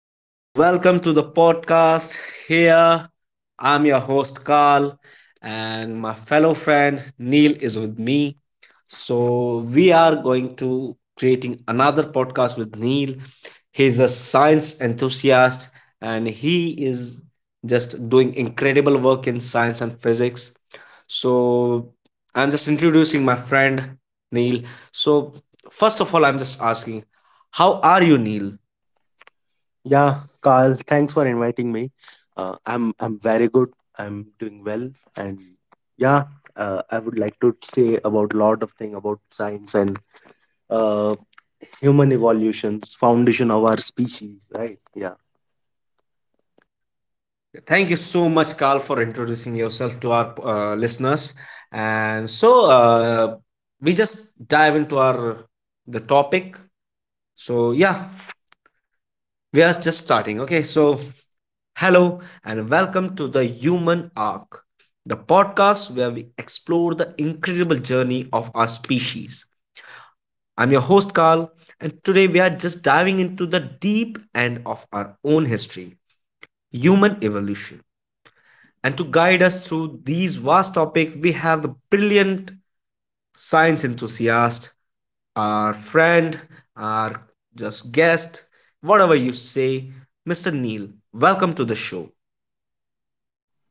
yo, to welcome to the podcast. Here, I'm your host, Carl, and my fellow friend, Neil, is with me. So, we are going to creating another podcast with Neil. He's a science enthusiast and he is just doing incredible work in science and physics. So, I'm just introducing my friend, Neil. So, first of all, I'm just asking, how are you, Neil? Yeah, Carl, thanks for inviting me. I'm very good. I'm doing well, and yeah, I would like to say about a lot of thing about science and uh, human evolutions, foundation of our species, right? Yeah. Thank you so much, Carl, for introducing yourself to our listeners. And so we just dive into our the topic. So yeah, we are just starting. Okay, so hello and welcome to the Human Arc, the podcast where we explore the incredible journey of our species. I'm your host, Carl, and today we are just diving into the deep end of our own history, human evolution. And to guide us through these vast topics, we have the brilliant science enthusiast, our friend, our just guest, whatever you say, Mr. Neil. Welcome to the show.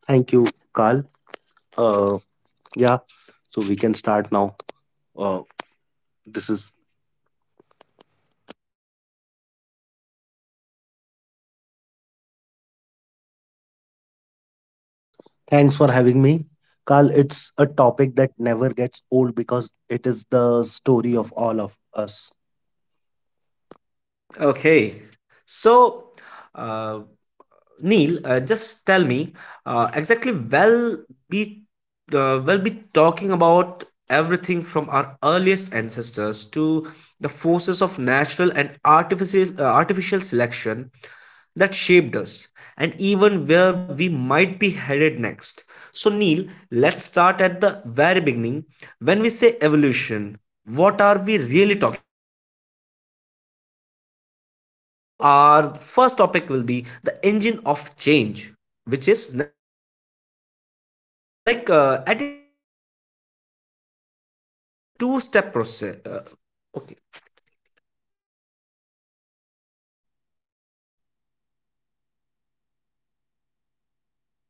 Thank you, Carl. Uh, yeah. So we can start now. Uh, this is Thanks for having me, Carl. It's a topic that never gets old because it is the story of all of us. Okay. So, uh, Neil, just tell me exactly. Well, be we'll be talking about everything from our earliest ancestors to the forces of natural and artificial artificial selection that shaped us and even where we might be headed next. So, Neil, let's start at the very beginning. When we say evolution, what are we really talking about? Okay, so our first topic will be the engine of change, which is natural selection. At its heart, it's a two step process. Okay, Yeah, Carl. So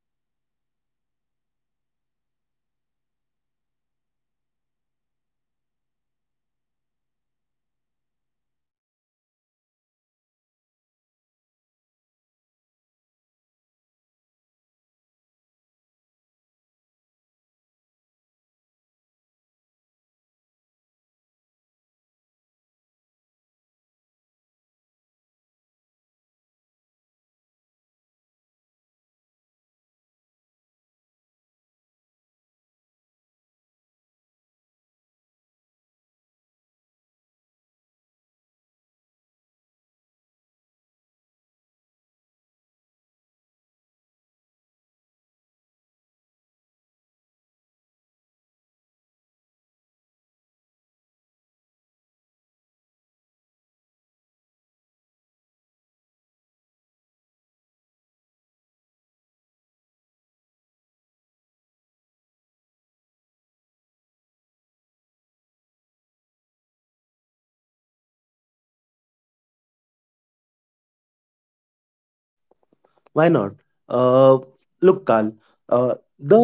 I would like to explain the core principle of evolution. Okay, uh, at its heart, it's a two step process: variation and selection. Okay, all living things have small random variations. Natural selection is simply the process where the environment selects, uh, which of those variants are most helpful for survival and reproduction. Okay, uh, it's not a conscious force, it's just uh, con- consequences. Okay, it's just consequences. Uh, think of it less as survival of the fittest and more as survival of the good enough to pass of genes on genes. Okay, so so it's not about being the strongest, but just having a slight edge. Can you give me us a classic example? Why not? uh, Look, Carl. uh, the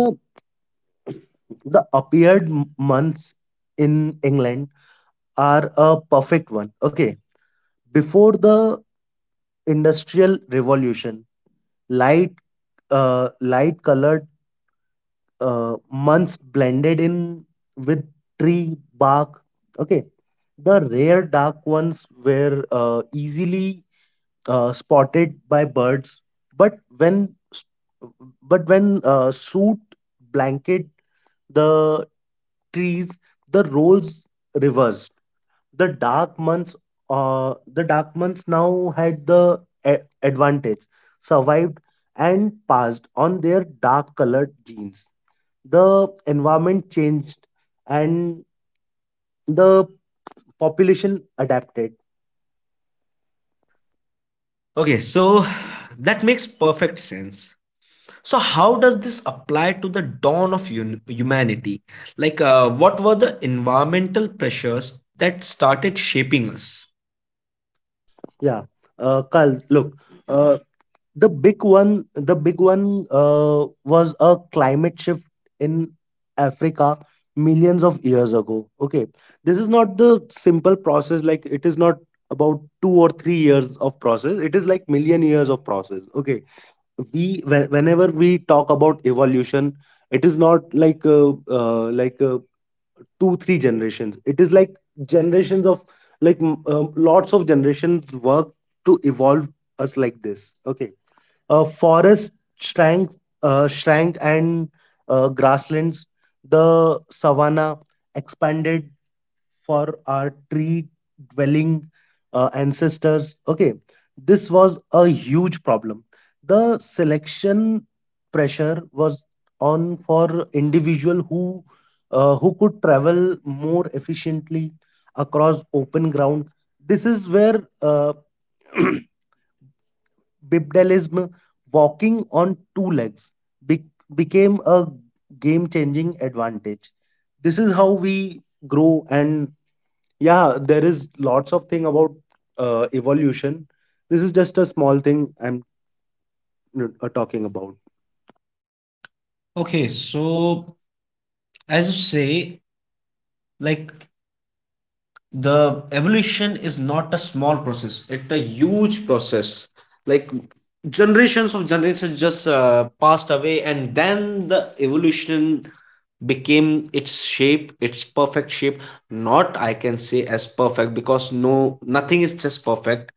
the appeared months in England are a perfect one. Okay, before the industrial revolution, light uh, light colored months blended in with tree bark. Okay, the rare dark ones were easily spotted by birds, but but when soot blanket the trees, the roles reversed. The dark months, the dark months now had the advantage, survived, and passed on their dark colored genes. The environment changed and the population adapted. Okay, so that makes perfect sense. So how does this apply to the dawn of humanity? Like, what were the environmental pressures that started shaping us? Yeah. Carl, look. uh the big one, was a climate shift in Africa millions of years ago. Okay, this is not the simple process. Like, it is not about 2 or 3 years of process, it is like million years of process. Okay, whenever we talk about evolution, it is not like, like, two three generations, it is like generations of, lots of generations work to evolve us like this. Okay, forest shrank, and grasslands, the savanna, expanded. For our tree dwelling ancestors, okay, this was a huge problem. The selection pressure was on for individual who could travel more efficiently across open ground. This is where bipedalism, walking on two legs, be- became a game changing advantage. This is how we grow. And yeah, there is lots of thing about evolution, this is just a small thing I'm talking about. Okay, so as you say, like the evolution is not a small process, it's a huge process, like generations of generations just passed away, and then the evolution became its shape, its perfect shape. Not, I can say, as perfect, because no, nothing is just perfect,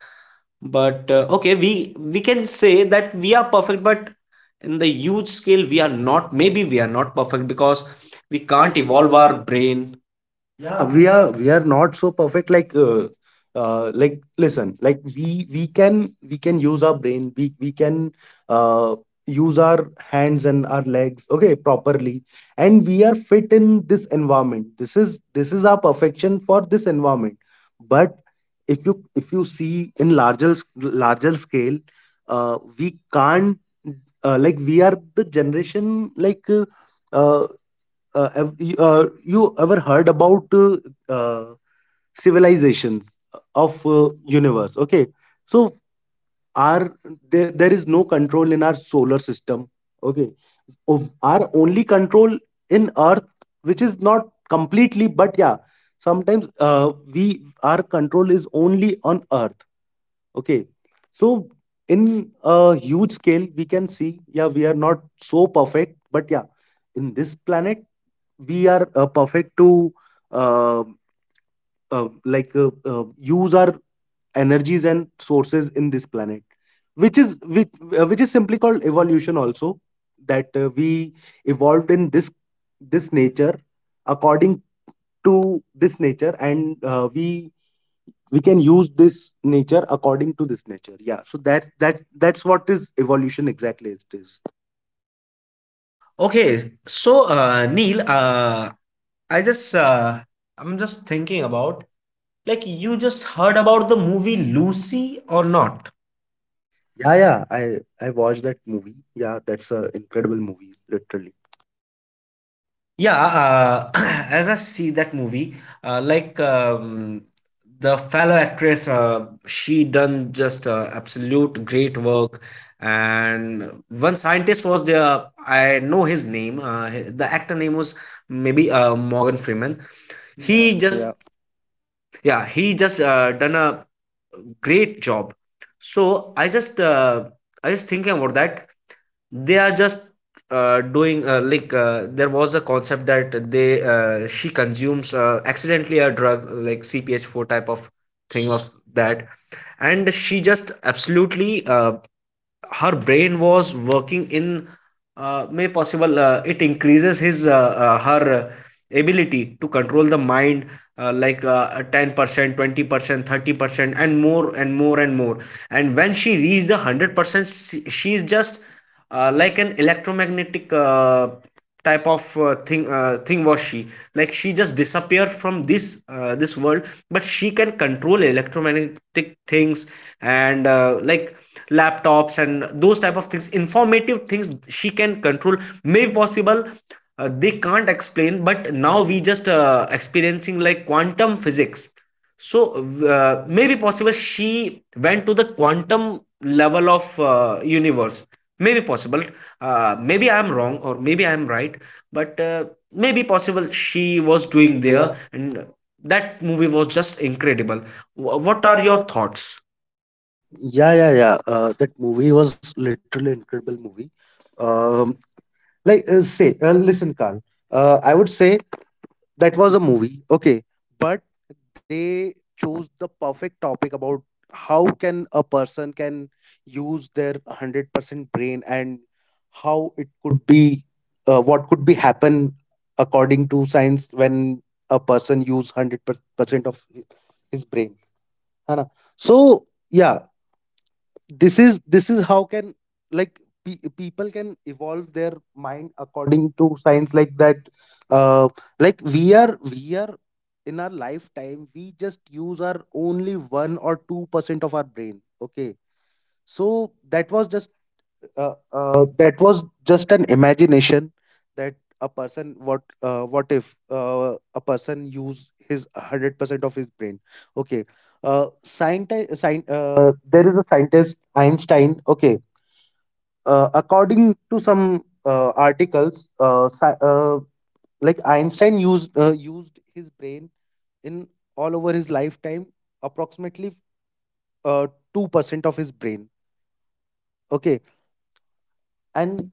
but okay, we can say that we are perfect, but in the huge scale we are not, maybe we are not perfect, because we We can't can't evolve evolve our our— brain. Yeah. yeah, we are not so perfect, like, like, listen, like we can use our brain, we can uh use our hands and our legs, okay, properly, and we are fit in this environment. This is our perfection for this environment, but if you see in larger scale, we can't. Like, we are the generation, like, uh, you ever heard about uh, civilizations of universe? Okay, so our there is no control in our solar system. Okay, our only control in earth, which is not completely, but yeah, sometimes we our control is only on earth. Okay. So in a huge scale, we can see, yeah, we are not so perfect, but yeah, in this planet, we are perfect to uh, use our energies and sources in this planet, which is which, which is simply called evolution. Also, that we evolved in this nature, according to this nature, and we can use this nature according to this nature. Yeah, so that's what is evolution, exactly it is. Okay, so Neil, I just uh, I'm just thinking about, like, you just heard about the movie Lucy, or not? Yeah, yeah, I watched that movie. Yeah, that's a incredible movie, literally. Yeah, as I see that movie, like the fellow actress, she done just absolute great work. And one scientist was there. I know his name. The actor name was maybe Morgan Freeman. Yeah, Yeah, he he, yeah, just, just, yeah, yeah, he just done a great job. So I just thinking about that, they are just doing, there was a concept that they she consumes accidentally a drug like CPH4, type of thing of that, and she just absolutely, her brain was working in, may possible it increases his her ability to control the mind, 10%, 20%, 30%, and more and more and more. And when she reached the 100%, she- is just like an electromagnetic, type of thing was she, like she just disappeared from this world, but she can control electromagnetic things, and like laptops and those type of things, informative things she can control, may possible they can't explain, but now we just experiencing like quantum physics. So maybe possible she went to the quantum level of universe, maybe possible. Maybe I am wrong, or maybe I am right, but maybe possible she was was doing doing there. there. And that movie was just incredible. What What are are your your— thoughts? Yeah, yeah, yeah. That movie was literally incredible movie. um like, say, listen, Carl. I would say that was a movie, okay, but they chose the perfect topic about how can a person can use their 100% brain and how it could be, what could be happen according to science when a person use 100% of his brain, है ना? So yeah, this is how can, like, people can evolve their mind according to science like that. uh like, we are in our lifetime we just use our only 1 or 2% of our brain. Okay, so that was just an imagination, that a person, what if a person use his 100% of his brain. Okay, there is a scientist, Einstein. Okay, according to some articles, like Einstein used his brain in all over his lifetime approximately, uh, 2% of his brain. Okay, and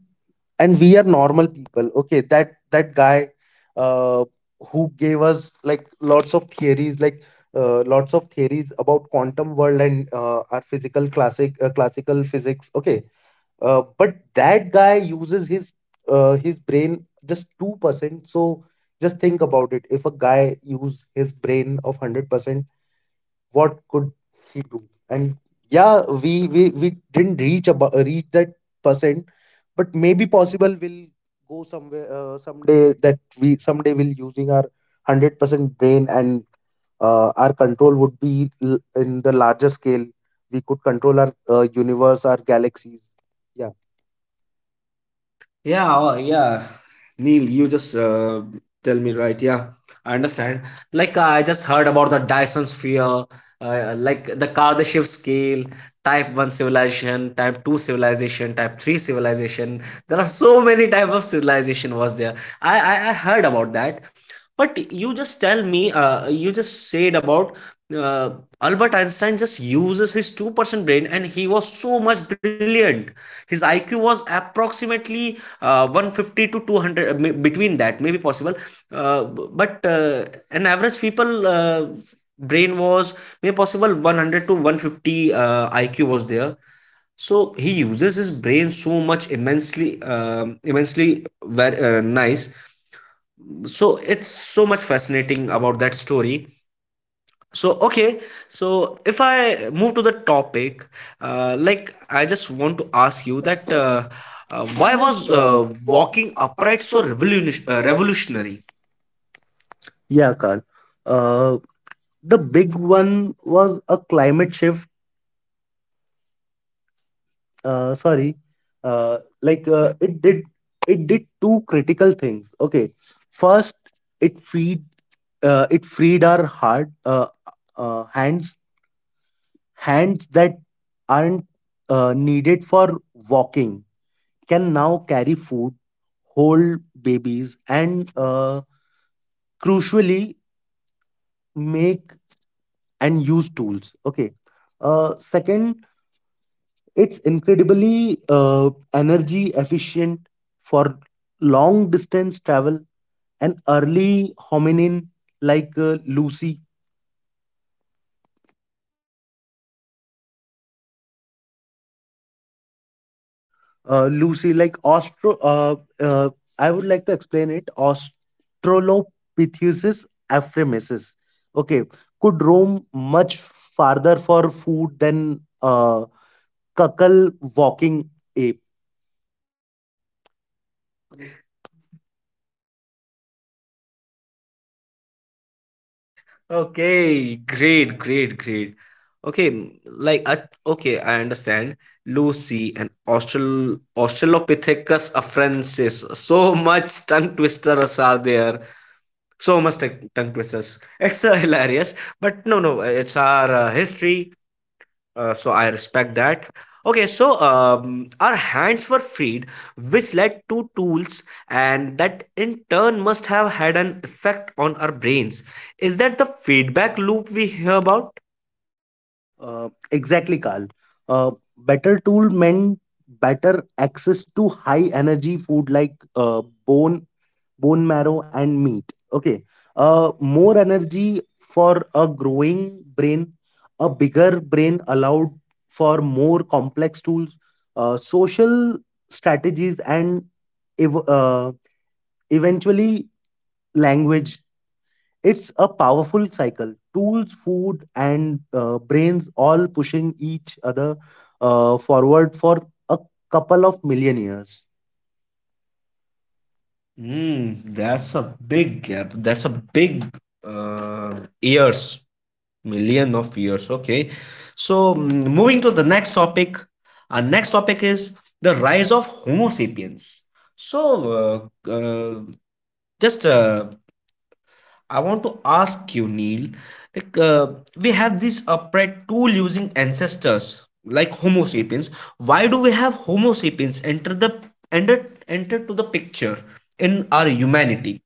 and we are normal people. Okay, that guy, uh, who gave us like lots of theories, like, lots of theories about quantum world and our physical classic classical physics. Okay, but that guy uses his brain just 2%. So just think about it, if a guy use his brain of 100%, what could he do? And yeah, we didn't reach that percent, but maybe possible we'll go somewhere, someday, that we someday we'll using our 100% brain, and our control would be in the larger scale. We could control our universe, our galaxies. Yeah. Yeah, oh, yeah. Neil, you just tell me right. Yeah, I understand. Like I just heard about the Dyson sphere, like the Kardashev scale, type 1 civilization, type 2 civilization, type 3 civilization. There are so many type of civilization was there. I heard about that, but you just tell me, you just said about uh, Albert Einstein just uses his 2% brain, and he was so much brilliant. His IQ was approximately 150 to 200, between that, maybe possible, uh, but an average people brain was maybe possible 100 to 150, IQ was there. So he uses his brain so much immensely, immensely, very nice. So it's so much fascinating about that story. So okay, so if I move to the topic, like I just want to ask So you that, that why Why was was walking walking upright upright so so revolutionary? revolutionary? Yeah, Carl. Uh, the big one was a climate shift. Sorry, uh, like uh, it did it did two critical things. Okay, first, it freed it freed our heart uh, hands hands that aren't needed for walking can now carry food, hold babies, and crucially make and use tools. Okay, second, it's incredibly energy efficient for long distance travel. An early hominin like, Lucy, like austro uh, I would like to explain it, Australopithecus ephraemesis, okay, could roam much farther for food than uh, cuckle walking ape. Okay, great, great, great. Okay, like okay, I understand Lucy and australopithecus afarensis. So much tongue twisters are there, so much tech tongue twisters. It's hilarious, but no, no, it's our history, so I respect that. Okay, so our hands were freed, which led to tools, and that in turn must have had an effect on our brains. Is that the feedback loop we hear about? Exactly, Carl. Better tool meant better access to high energy food like, bone, bone marrow, and meat. Okay. More energy for a growing brain. A bigger brain allowed for more complex tools, social strategies, and ev- uh, eventually language. It's a powerful cycle. Tools, food, and brains all pushing each other forward for a couple of million years. Hmm, that's a big gap. That's a big uh, years. Million of years. Okay. So moving to the next topic. Our next topic is the rise of Homo sapiens. So just I want to ask you, Neil. Like we have this upright tool-using ancestors like Homo sapiens. Why do we have Homo sapiens enter the enter enter to the picture in our humanity?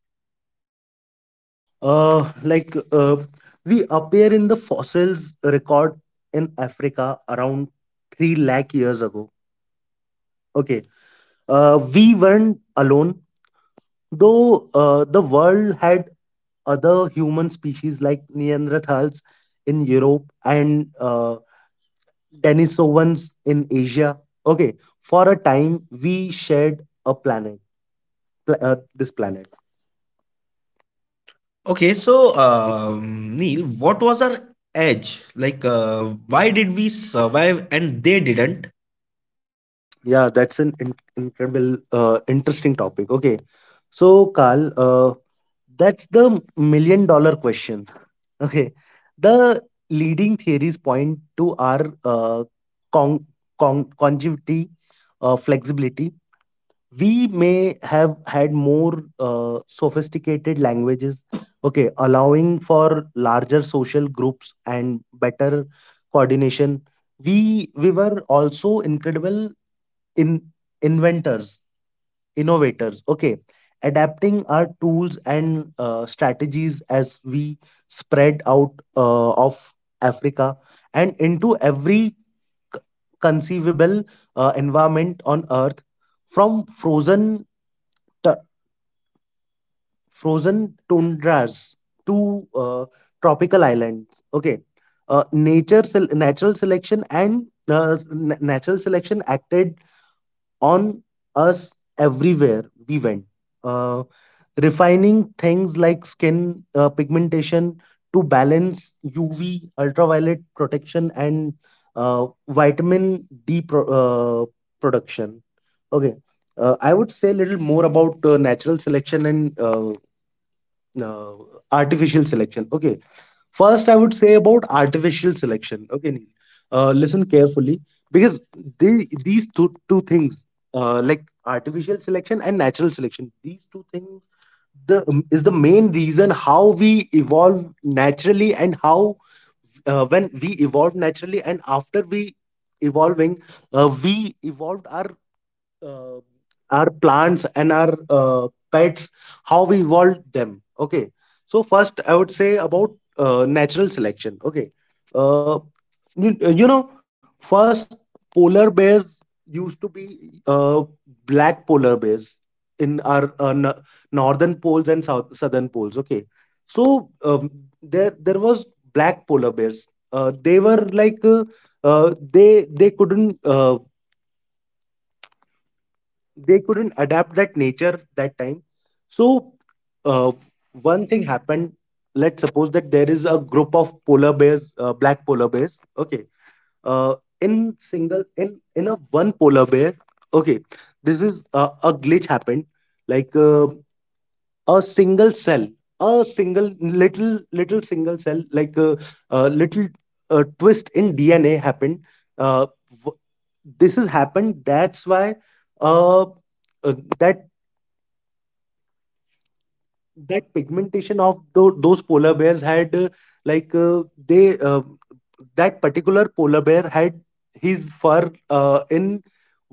Uh, like uh, we appear in the fossils record in Africa around 3 lakh years ago. Okay. We weren't alone, though the world had other human species like Neanderthals in Europe and Denisovans in Asia. Okay, for a time we shared a planet, this planet. Okay, so Neil, what was our edge? Like, why did we survive and they didn't? Yeah, that's an incredible, interesting topic. Okay, so Carl, that's the million dollar question. Okay, the leading theories point to our con- conjugity, flexibility. We may have had more sophisticated languages, okay, allowing for larger social groups and better coordination. We were also incredible in inventors, innovators, okay, adapting our tools and strategies as we spread out of Africa and into every c- conceivable environment on earth, from t- frozen tundras to tropical islands. Okay, natural selection acted on us everywhere we went, uh, refining things like skin pigmentation to balance UV, ultraviolet protection, and vitamin D production. Okay, I would say a little more about natural selection and uh, artificial selection. Okay, first, I would say about artificial selection. Okay, Neil. Listen carefully because these two things, like artificial selection and natural selection, these two things the is the main reason how we evolve naturally, and how when we evolve naturally and after we evolving, we evolved uh, our plants and our pets, how we evolved them. Okay, so first I would say about natural selection. Okay. Uh, you, you know first, polar bears used to be uh, black polar bears in our northern poles and southern poles. Okay, so there was black polar bears. Uh, they were like they couldn't They couldn't adapt that nature that time. So uh, one thing happened. Let's suppose that there is a group of polar bears, black polar bears. Okay, uh, in single, in a one polar bear. Okay, this is a glitch happened, like a single cell, a single little single cell, like a little twist in DNA happened. uh, this has happened, that's why uh, that pigmentation of those polar bears had, like they that particular polar bear had his fur in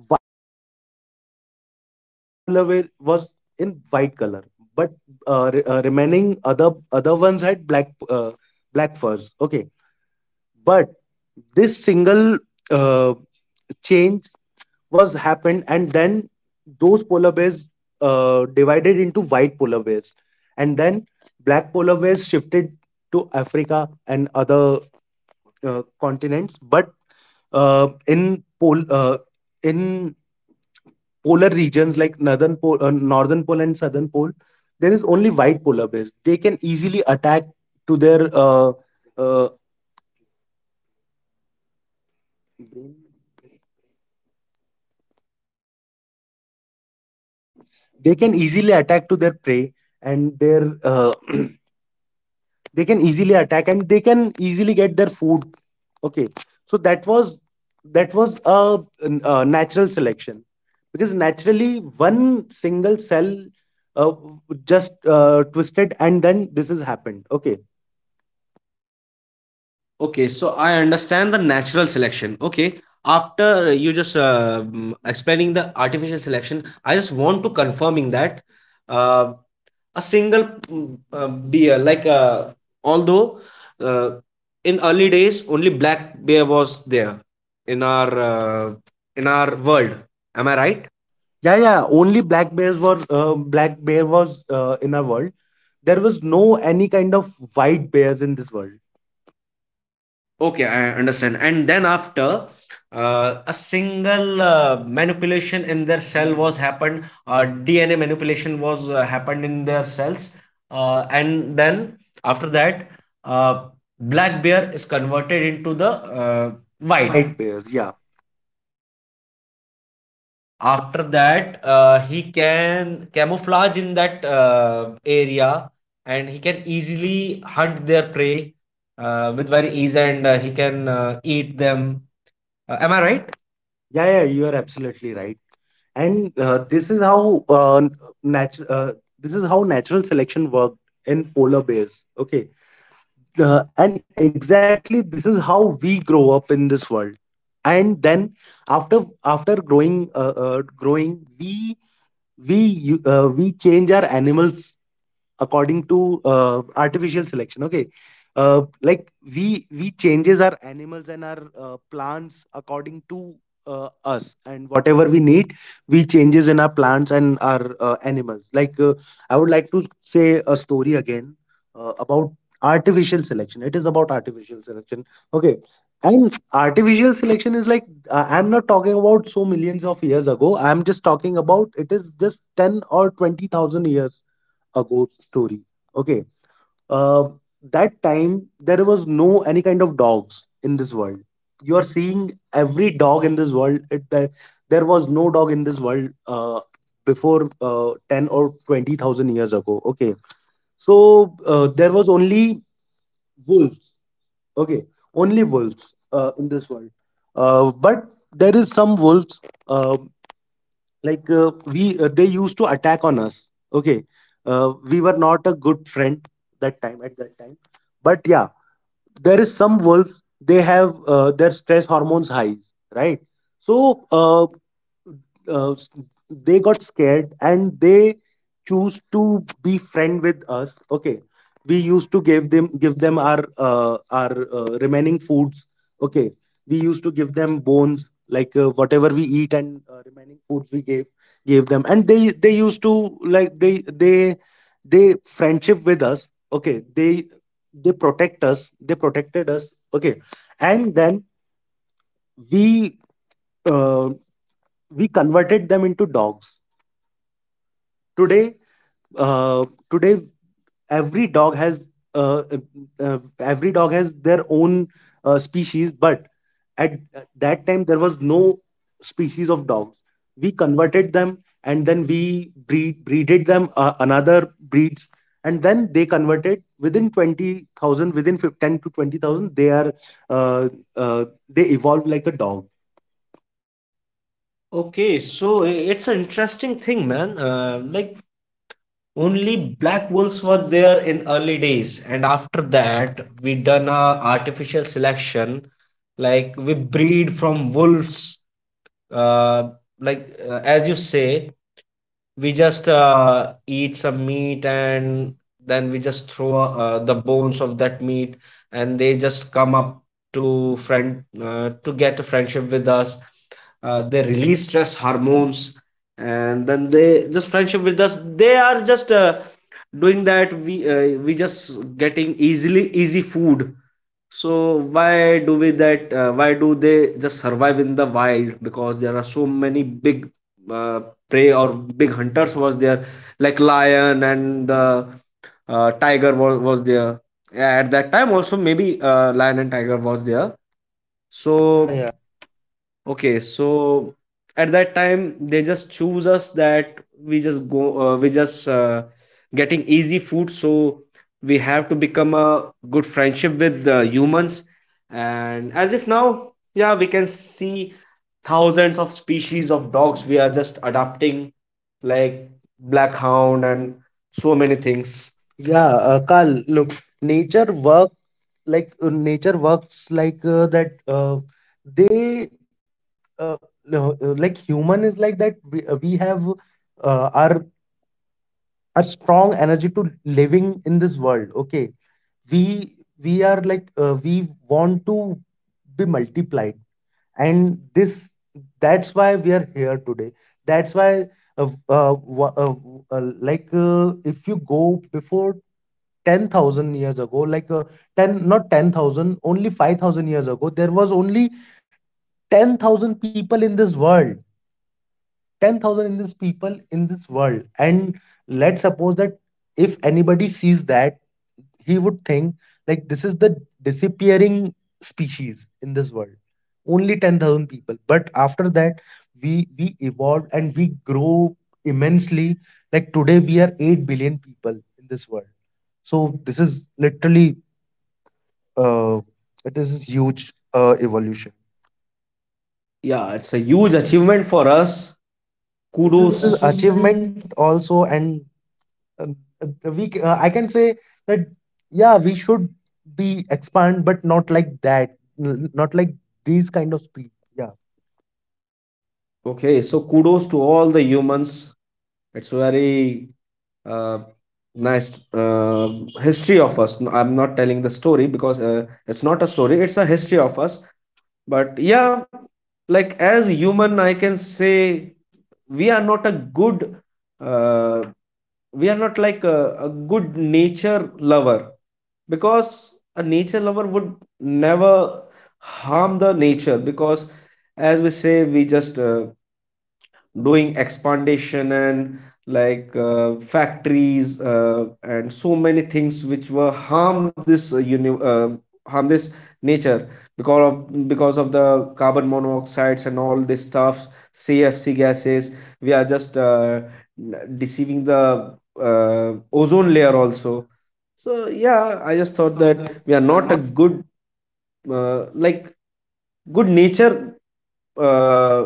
white color. Okay, only single polar bear was in white color, but remaining other ones had black black furs. Okay, but this single uh, change was happened, and then those polar bears divided into white polar bears, and then black polar bears shifted to Africa and other continents. But uh, in pol- uh, in polar regions, like northern pole and southern pole, there is only white polar bears. They can easily attack to their uh, prey, and their they can easily attack and they can easily get their food. Okay, so that was, that was a natural selection, because naturally one single cell uh, just twisted, and then this has happened. Okay, Okay, so I understand the natural selection. Okay, after you just explaining the artificial selection, I just want to confirming that, uh, a single, bear, like although, uh, in early days only black bear was there in our, in our world. Am I right? yeah, yeah, only black bear was in our world. There was no any kind of white bears in this world. Okay, I understand. And then after, a single manipulation in their cell was happened, DNA manipulation was happened in their cells, and then after that, uh, black bear is converted into the, uh, White, white. white White. bears, yeah. After that, he can camouflage in that area, and he can easily hunt their prey with very ease, and he can eat them. Am I right? Yeah, yeah, you are absolutely right. And and this this is how natural this is how natural selection worked in polar bears. Okay, and exactly this is how we grow up in this world. And then after, after growing, growing, we we change our animals according to artificial selection. Okay, like we changes our animals and our plants according to us, and whatever we need we changes in our plants and our animals. Like I would like to say a story again about artificial selection. It is about artificial selection. Okay, and artificial selection is like, I'm not talking about so millions of years ago, I'm just talking about, it is just 10 or 20,000 years ago story. Okay, uh, that time there was no any kind of dogs in this world. You are seeing every dog in this world, it, there was no dog in this world before 10 or 20,000 years ago. Okay, so there was only wolves. Okay, only wolves in this world. But there is some wolves. Uh, like we They used to attack on us. Okay, we were not a good friend that time at that time. But yeah, there is some wolves, they have their stress hormones high, right? So uh, s- they got scared, and they choose to be friend with us. Okay, we used to give them our remaining foods. Okay, we used to give them bones, like whatever we eat and remaining foods we gave them, and like they they they friendship with us. Okay, they protect us they protected us. Okay, and then we uh, we converted them into dogs. Today, uh, today every dog has uh, every dog has their own species. But at that time, there was no species of dogs. We converted them, and then we breeded them another breeds, and then they converted within 20,000, within 10 to 20,000. They are uh, they evolve like a dog. Okay, so it's an interesting thing, man. Like only black holes were there in early days, and And after after that, that we done a artificial selection. Like we breed from wolves, uh, as you say, we just eat some meat, and then we just throw the bones of that meat, and they just come up to friend, to get a friendship with us, they release stress hormones, and then they just friendship with us, they are just doing that we, just getting easily easy food. So why do we that? Why do they just survive in the wild? Because there are so many big, uh, prey or big hunters was there, like lion and the tiger was there. Yeah, at that time also maybe lion and tiger was there. So, yeah. So okay, so at that time they just choose us that we just go, we just getting easy food, so we have to become a good friendship with the humans. And as if now, yeah, we can see thousands of species of dogs we are just adapting, like black hound and so many things. Yeah. yeah, Carl, look, nature work nature works like that they no, like human is like that, we, have uh, our our strong energy to living in this world. Okay, we we are like we want to be multiplied, and this, that's why we are here today. That's why uh, uh, wa- uh, like if you go before 10,000 years ago, like uh, 10 not 10,000, only 5,000 years ago, there was only 10,000 people in this world, 10,000 in this people in this world. And let's suppose that if anybody sees that, he would think like this is the disappearing species in this world, only 10,000 people. But after that, we evolved and we grow immensely. Like today we are 8 billion people in this world. So this is literally uh, it is huge evolution. Yeah, it's a huge achievement for us. This is Kudos. Achievement. achievement also. And uh, I can say that yeah, we should be expand, but not like that, not like these kind of speed. Yeah. Okay, so kudos to all the humans, it's very uh, nice history of us. No, I'm not telling the story, because it's not a story, it's a history of us. But yeah, like as human I can say, we are not a good, uh, we are not like a good nature lover, because a nature lover would never harm the nature. Because, as we say we just doing expansion and like factories and so many things which were harm this, harm this nature, because of, the carbon monoxides and all this stuff, CFC gases. We are just deceiving the ozone layer also. So yeah, I just I just thought thought that that we are we are not a not. good, like good nature, uh,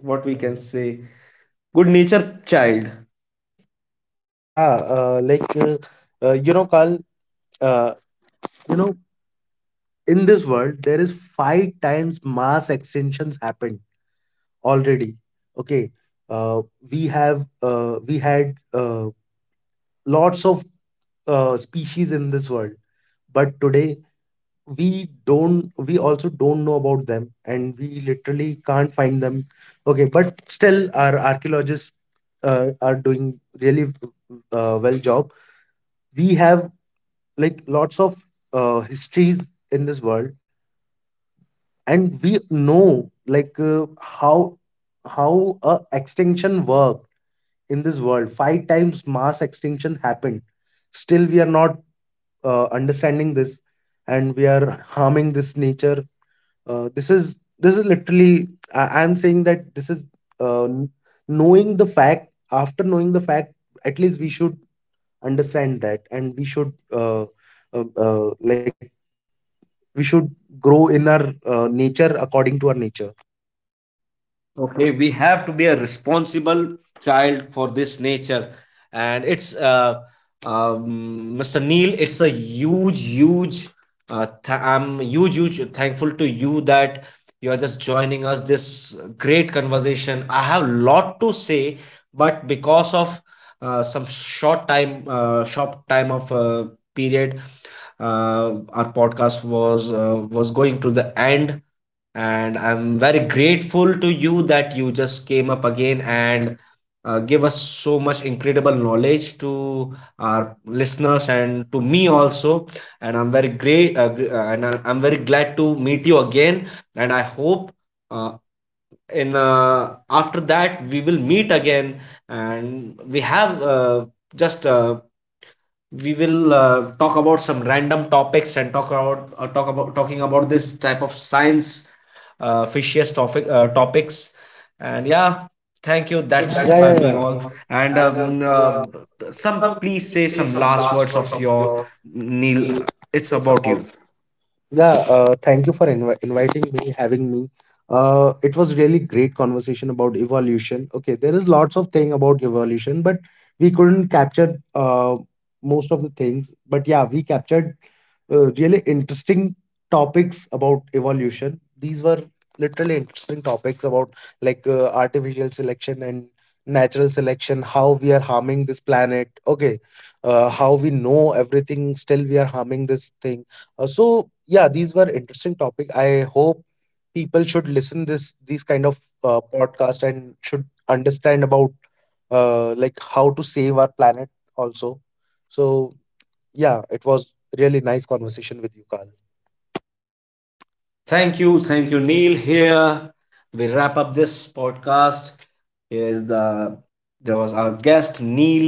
what we can say, good nature child. Yeah, Carl, uh, you know, in this world there is 5 times mass extinctions happened already. Okay, uh, we had lots of species in this world, but today we also don't know about them, and we literally can't find them. Okay, but still our archaeologists are doing really well job. We have like lots of histories in this world, and we know like how a extinction worked in this world. 5 times mass extinction happened, still we are not understanding this, and we are harming this nature. This is, this is literally, I, I'm saying that this is uh, n- knowing the fact, after knowing the fact, at least we should understand that, and we should like we should grow in our nature according to our nature. Okay, we have to be a responsible child for this nature. And it's, Mr. Neil, it's a huge, huge, I'm huge, huge thankful to you, that you are just joining us this great conversation. I have lot to say, but because of some short time, short time of period, our podcast was going to the end. And I'm very grateful to you, that you just came up again, and give us so much incredible knowledge to our listeners, and to me also. And I'm very great, and I'm very glad to meet you again. And I hope, uh, in, after that, we will meet again, and we have just. We will talk about some random topics, and talk about, talking about this type of science, fishiest topic, topics, and yeah, thank you, Thank you. That, that's, yeah, yeah, yeah, yeah, by, yeah, yeah, me me all. on. And And uh, some some please please say say some some last last words words of of your, your Neil, need. it's It's about about. you. Yeah, thank you for inviting me, having me. It was really great conversation about evolution. Okay, there is lots of thing about evolution, but we couldn't capture most of the things. But yeah, we captured really interesting topics about evolution. These were literally interesting topics about, like artificial selection and natural selection, how we are harming this planet. Okay, how we know everything, still we are harming this thing. So yeah, these were interesting topic. I hope people should listen this these kind of podcast and should understand about like how to save our planet also. So yeah, it was really nice conversation with you, Carl. Thank you, thank you, Neil. Here we wrap up this podcast. Here is there was our guest, Neil.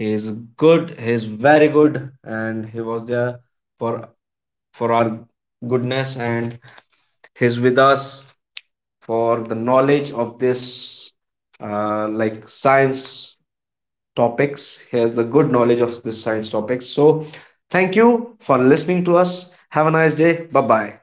He is good. He is very good, and he was there for, our goodness, and he's with us for the knowledge of this, like science topics. He has the good knowledge of this science topics. So thank you for listening to us. Have a nice day. Bye bye.